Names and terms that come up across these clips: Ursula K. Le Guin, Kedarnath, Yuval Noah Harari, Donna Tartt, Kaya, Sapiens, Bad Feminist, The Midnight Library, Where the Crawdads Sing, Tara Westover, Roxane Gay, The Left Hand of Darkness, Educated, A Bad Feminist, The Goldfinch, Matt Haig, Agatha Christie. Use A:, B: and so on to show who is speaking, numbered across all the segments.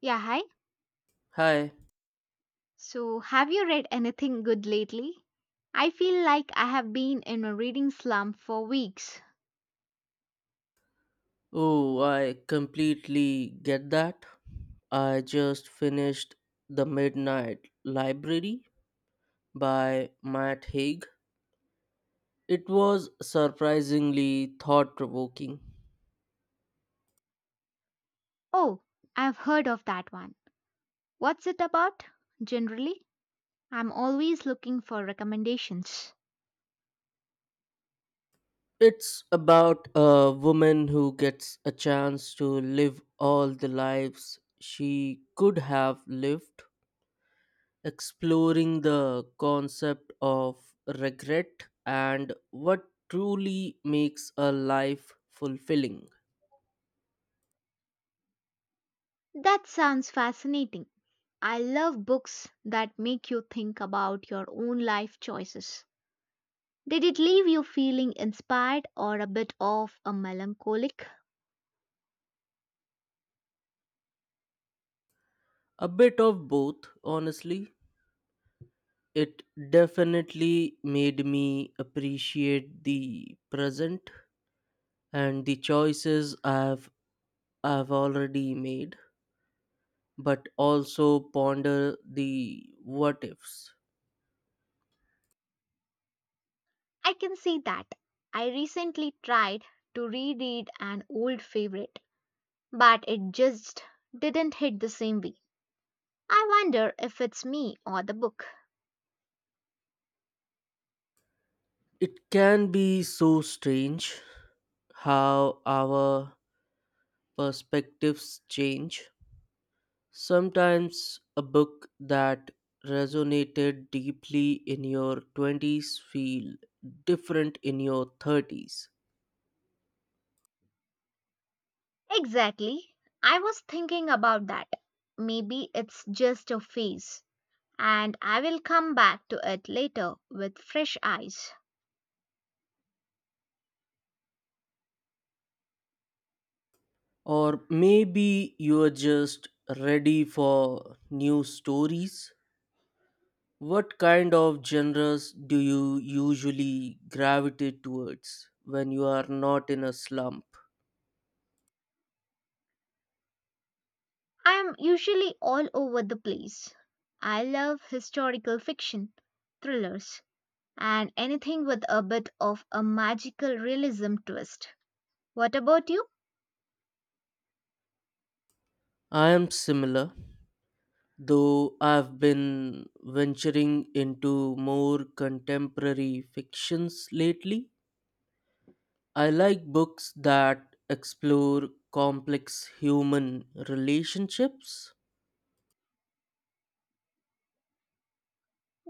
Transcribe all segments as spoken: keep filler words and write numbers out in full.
A: Yeah, hi.
B: Hi.
A: So, have you read anything good lately? I feel like I have been in a reading slump for weeks.
B: Oh, I completely get that. I just finished The Midnight Library by Matt Haig. It was surprisingly thought provoking.
A: Oh, I've heard of that one. What's it about? Generally, I'm always looking for recommendations.
B: It's about a woman who gets a chance to live all the lives she could have lived, exploring the concept of regret and what truly makes a life fulfilling.
A: That sounds fascinating. I love books that make you think about your own life choices. Did it leave you feeling inspired or a bit of a melancholic?
B: A bit of both, honestly. It definitely made me appreciate the present and the choices I've I've already made, but also ponder the what ifs.
A: I can see that. I recently tried to reread an old favorite, but it just didn't hit the same way. I wonder if it's me or the book.
B: It can be so strange how our perspectives change. Sometimes a book that resonated deeply in your twenties feel different in your thirties.
A: Exactly. I was thinking about that. Maybe it's just a phase, and I will come back to it later with fresh eyes.
B: Or maybe you are just ready for new stories. What kind of genres do you usually gravitate towards when you are not in a slump?
A: I am usually all over the place. I love historical fiction, thrillers, and anything with a bit of a magical realism twist. What about you?
B: I am similar, though I've been venturing into more contemporary fictions lately. I like books that explore complex human relationships.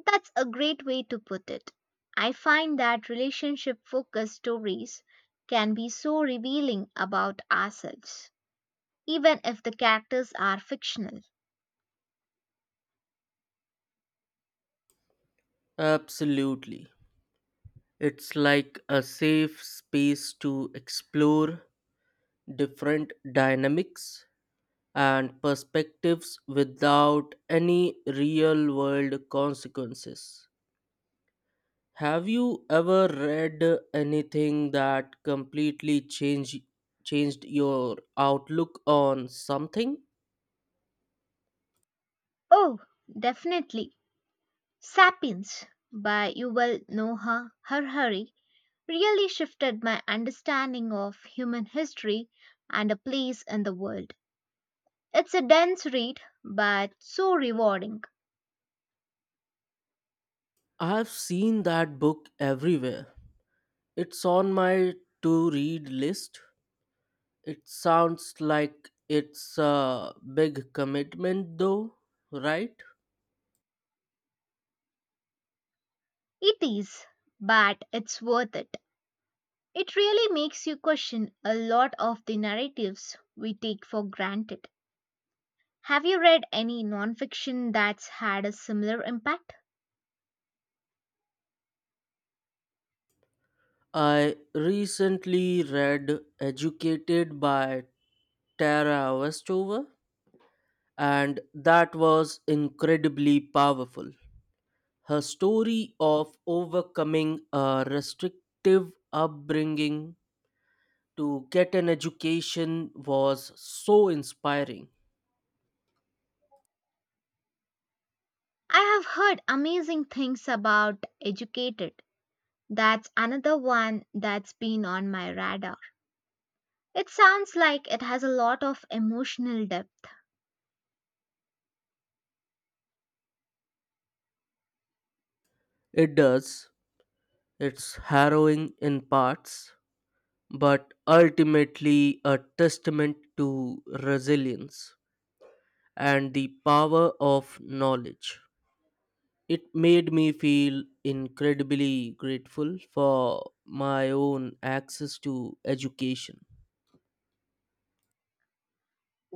A: That's a great way to put it. I find that relationship focused stories can be so revealing about ourselves, even if the characters are fictional.
B: Absolutely. It's like a safe space to explore different dynamics and perspectives without any real world consequences. Have you ever read anything that completely changed changed your outlook on something?
A: Oh, definitely. Sapiens by Yuval Noah Harari really shifted my understanding of human history and a place in the world. It's a dense read, but so rewarding.
B: I've seen that book everywhere. It's on my to read list. It sounds like it's a big commitment, though, right?
A: It is, but it's worth it. It really makes you question a lot of the narratives we take for granted. Have you read any nonfiction that's had a similar impact?
B: I recently read Educated by Tara Westover, and that was incredibly powerful. Her story of overcoming a restrictive upbringing to get an education was so inspiring.
A: I have heard amazing things about Educated. That's another one that's been on my radar. It sounds like it has a lot of emotional depth.
B: It does. It's harrowing in parts, but ultimately a testament to resilience and the power of knowledge. It made me feel incredibly grateful for my own access to education.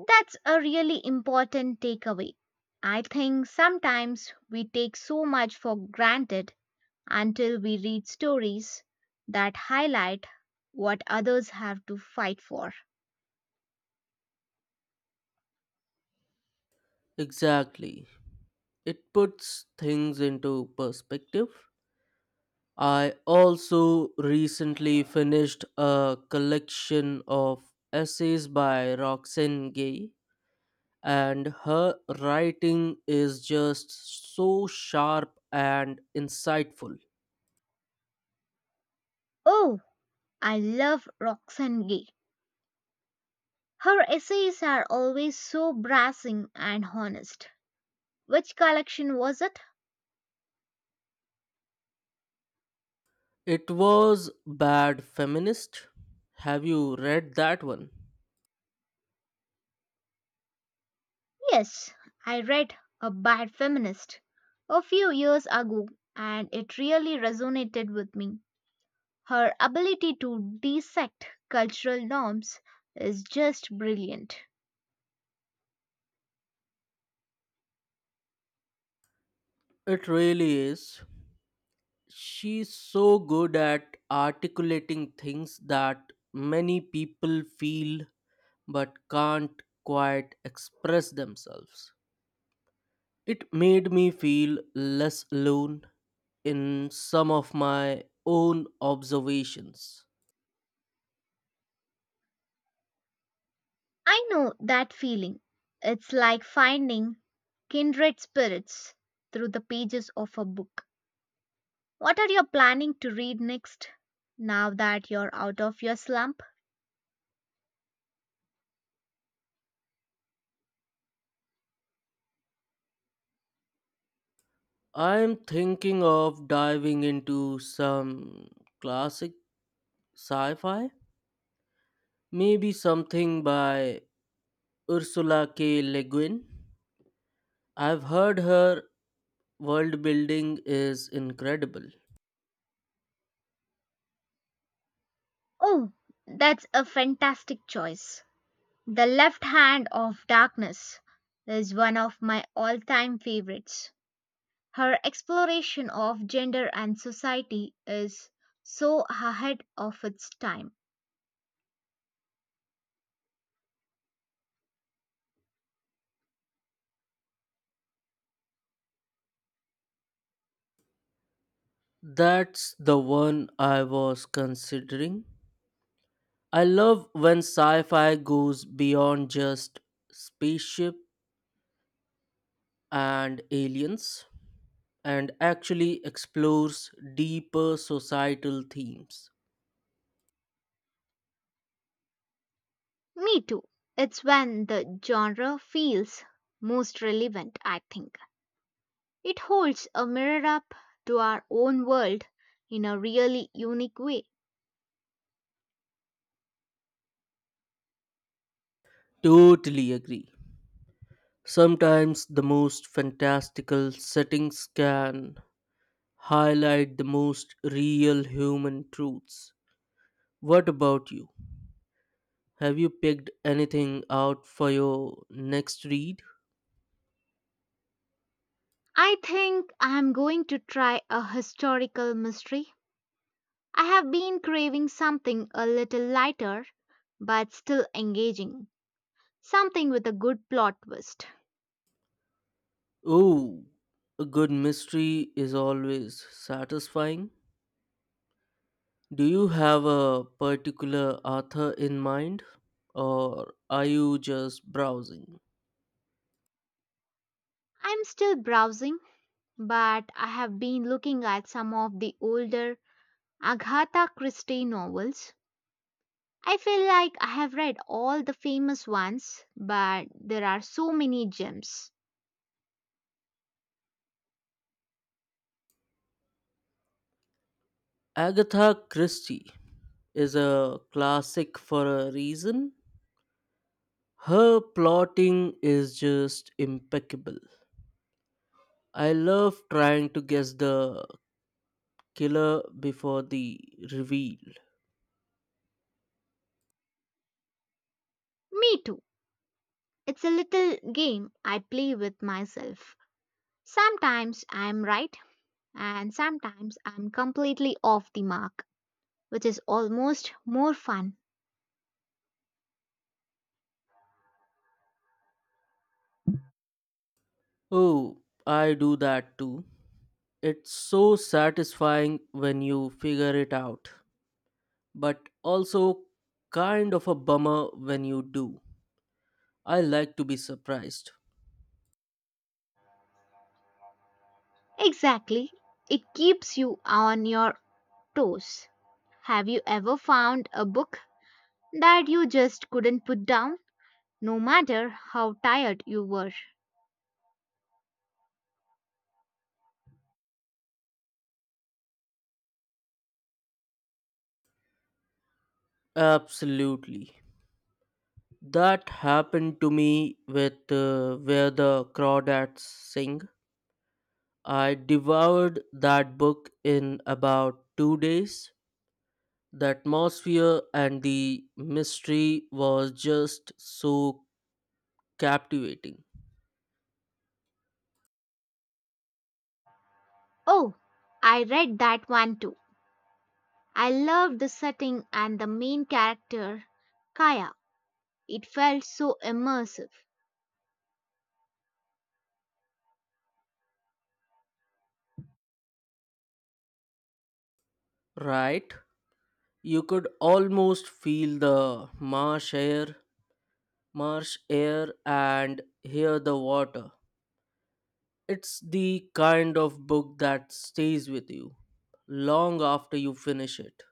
A: That's a really important takeaway. I think sometimes we take so much for granted until we read stories that highlight what others have to fight for.
B: Exactly. It puts things into perspective. I also recently finished a collection of essays by Roxane Gay, and her writing is just so sharp and insightful.
A: Oh, I love Roxane Gay. Her essays are always so brassing and honest. Which collection was it?
B: It was Bad Feminist. Have you read that one?
A: Yes, I read A Bad Feminist a few years ago and it really resonated with me. Her ability to dissect cultural norms is just brilliant.
B: It really is. She's so good at articulating things that many people feel but can't quite express themselves. It made me feel less alone in some of my own observations.
A: I know that feeling. It's like finding kindred spirits through the pages of a book. What are you planning to read next now that you're out of your slump?
B: I'm thinking of diving into some classic sci fi, maybe something by Ursula K. Le Guin. I've heard her world building is incredible.
A: Oh, that's a fantastic choice. The Left Hand of Darkness is one of my all time favorites. Her exploration of gender and society is so ahead of its time.
B: That's the one I was considering. I love when sci fi goes beyond just spaceship and aliens and actually explores deeper societal themes.
A: Me too. It's when the genre feels most relevant, I think. It holds a mirror up to our own world in a really unique way.
B: Totally agree. Sometimes the most fantastical settings can highlight the most real human truths. What about you? Have you picked anything out for your next read?
A: I think I'm going to try a historical mystery. I have been craving something a little lighter but still engaging, something with a good plot twist.
B: Oh, a good mystery is always satisfying. Do you have a particular author in mind, or are you just browsing?
A: I'm still browsing, but I have been looking at some of the older Agatha Christie novels. I feel like I have read all the famous ones, but there are so many gems.
B: Agatha Christie is a classic for a reason. Her plotting is just impeccable. I love trying to guess the killer before the reveal.
A: Me too. It's a little game I play with myself. Sometimes I'm right, and sometimes I'm completely off the mark, which is almost more fun.
B: Oh, I do that too. It's so satisfying when you figure it out, but also kind of a bummer when you do. I like to be surprised.
A: Exactly. It keeps you on your toes. Have you ever found a book that you just couldn't put down, no matter how tired you were?
B: Absolutely. That happened to me with uh, Where the Crawdads Sing. I devoured that book in about two days. The atmosphere and the mystery was just so captivating,
A: Oh, I read that one too. I loved the setting and the main character, Kaya. It felt so immersive.
B: right? You could almost feel the marsh air, marsh air, and hear the water. It's the kind of book that stays with you long after you finish it.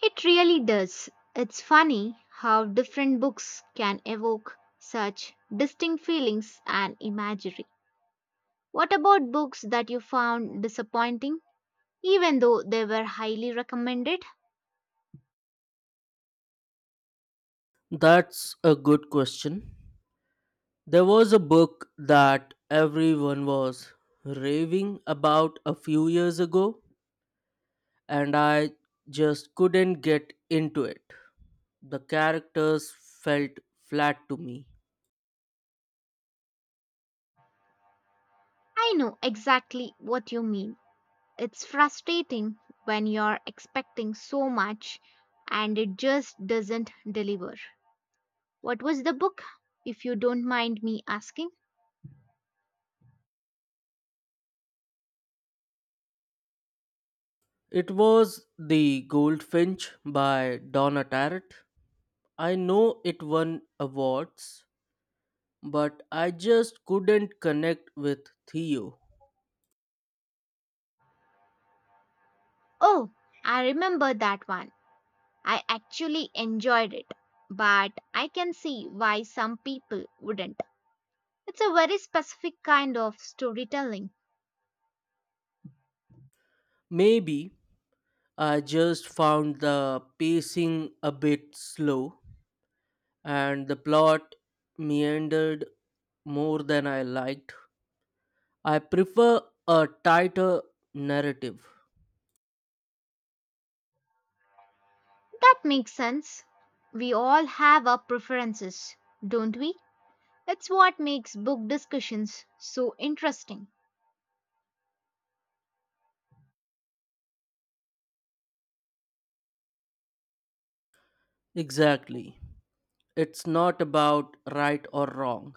A: It really does. It's funny how different books can evoke such distinct feelings and imagery. What about books that you found disappointing, even though they were highly recommended?
B: That's a good question. There was a book that everyone was raving about a few years ago, and I just couldn't get into it. The characters felt flat to me.
A: I know exactly what you mean. It's frustrating when you're expecting so much and it just doesn't deliver. What was the book, if you don't mind me asking?
B: It was The Goldfinch by Donna Tartt. I know it won awards, but I just couldn't connect with Theo.
A: Oh, I remember that one. I actually enjoyed it, but I can see why some people wouldn't. It's a very specific kind of storytelling.
B: Maybe I just found the pacing a bit slow and the plot meandered more than I liked. I prefer a tighter narrative.
A: That makes sense. We all have our preferences, don't we? It's what makes book discussions so interesting.
B: Exactly. It's not about right or wrong.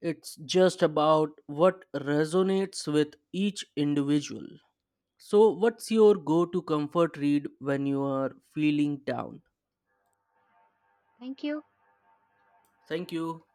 B: It's just about what resonates with each individual. So, what's your go to comfort read when you are feeling down?
A: Thank you.
B: Thank you.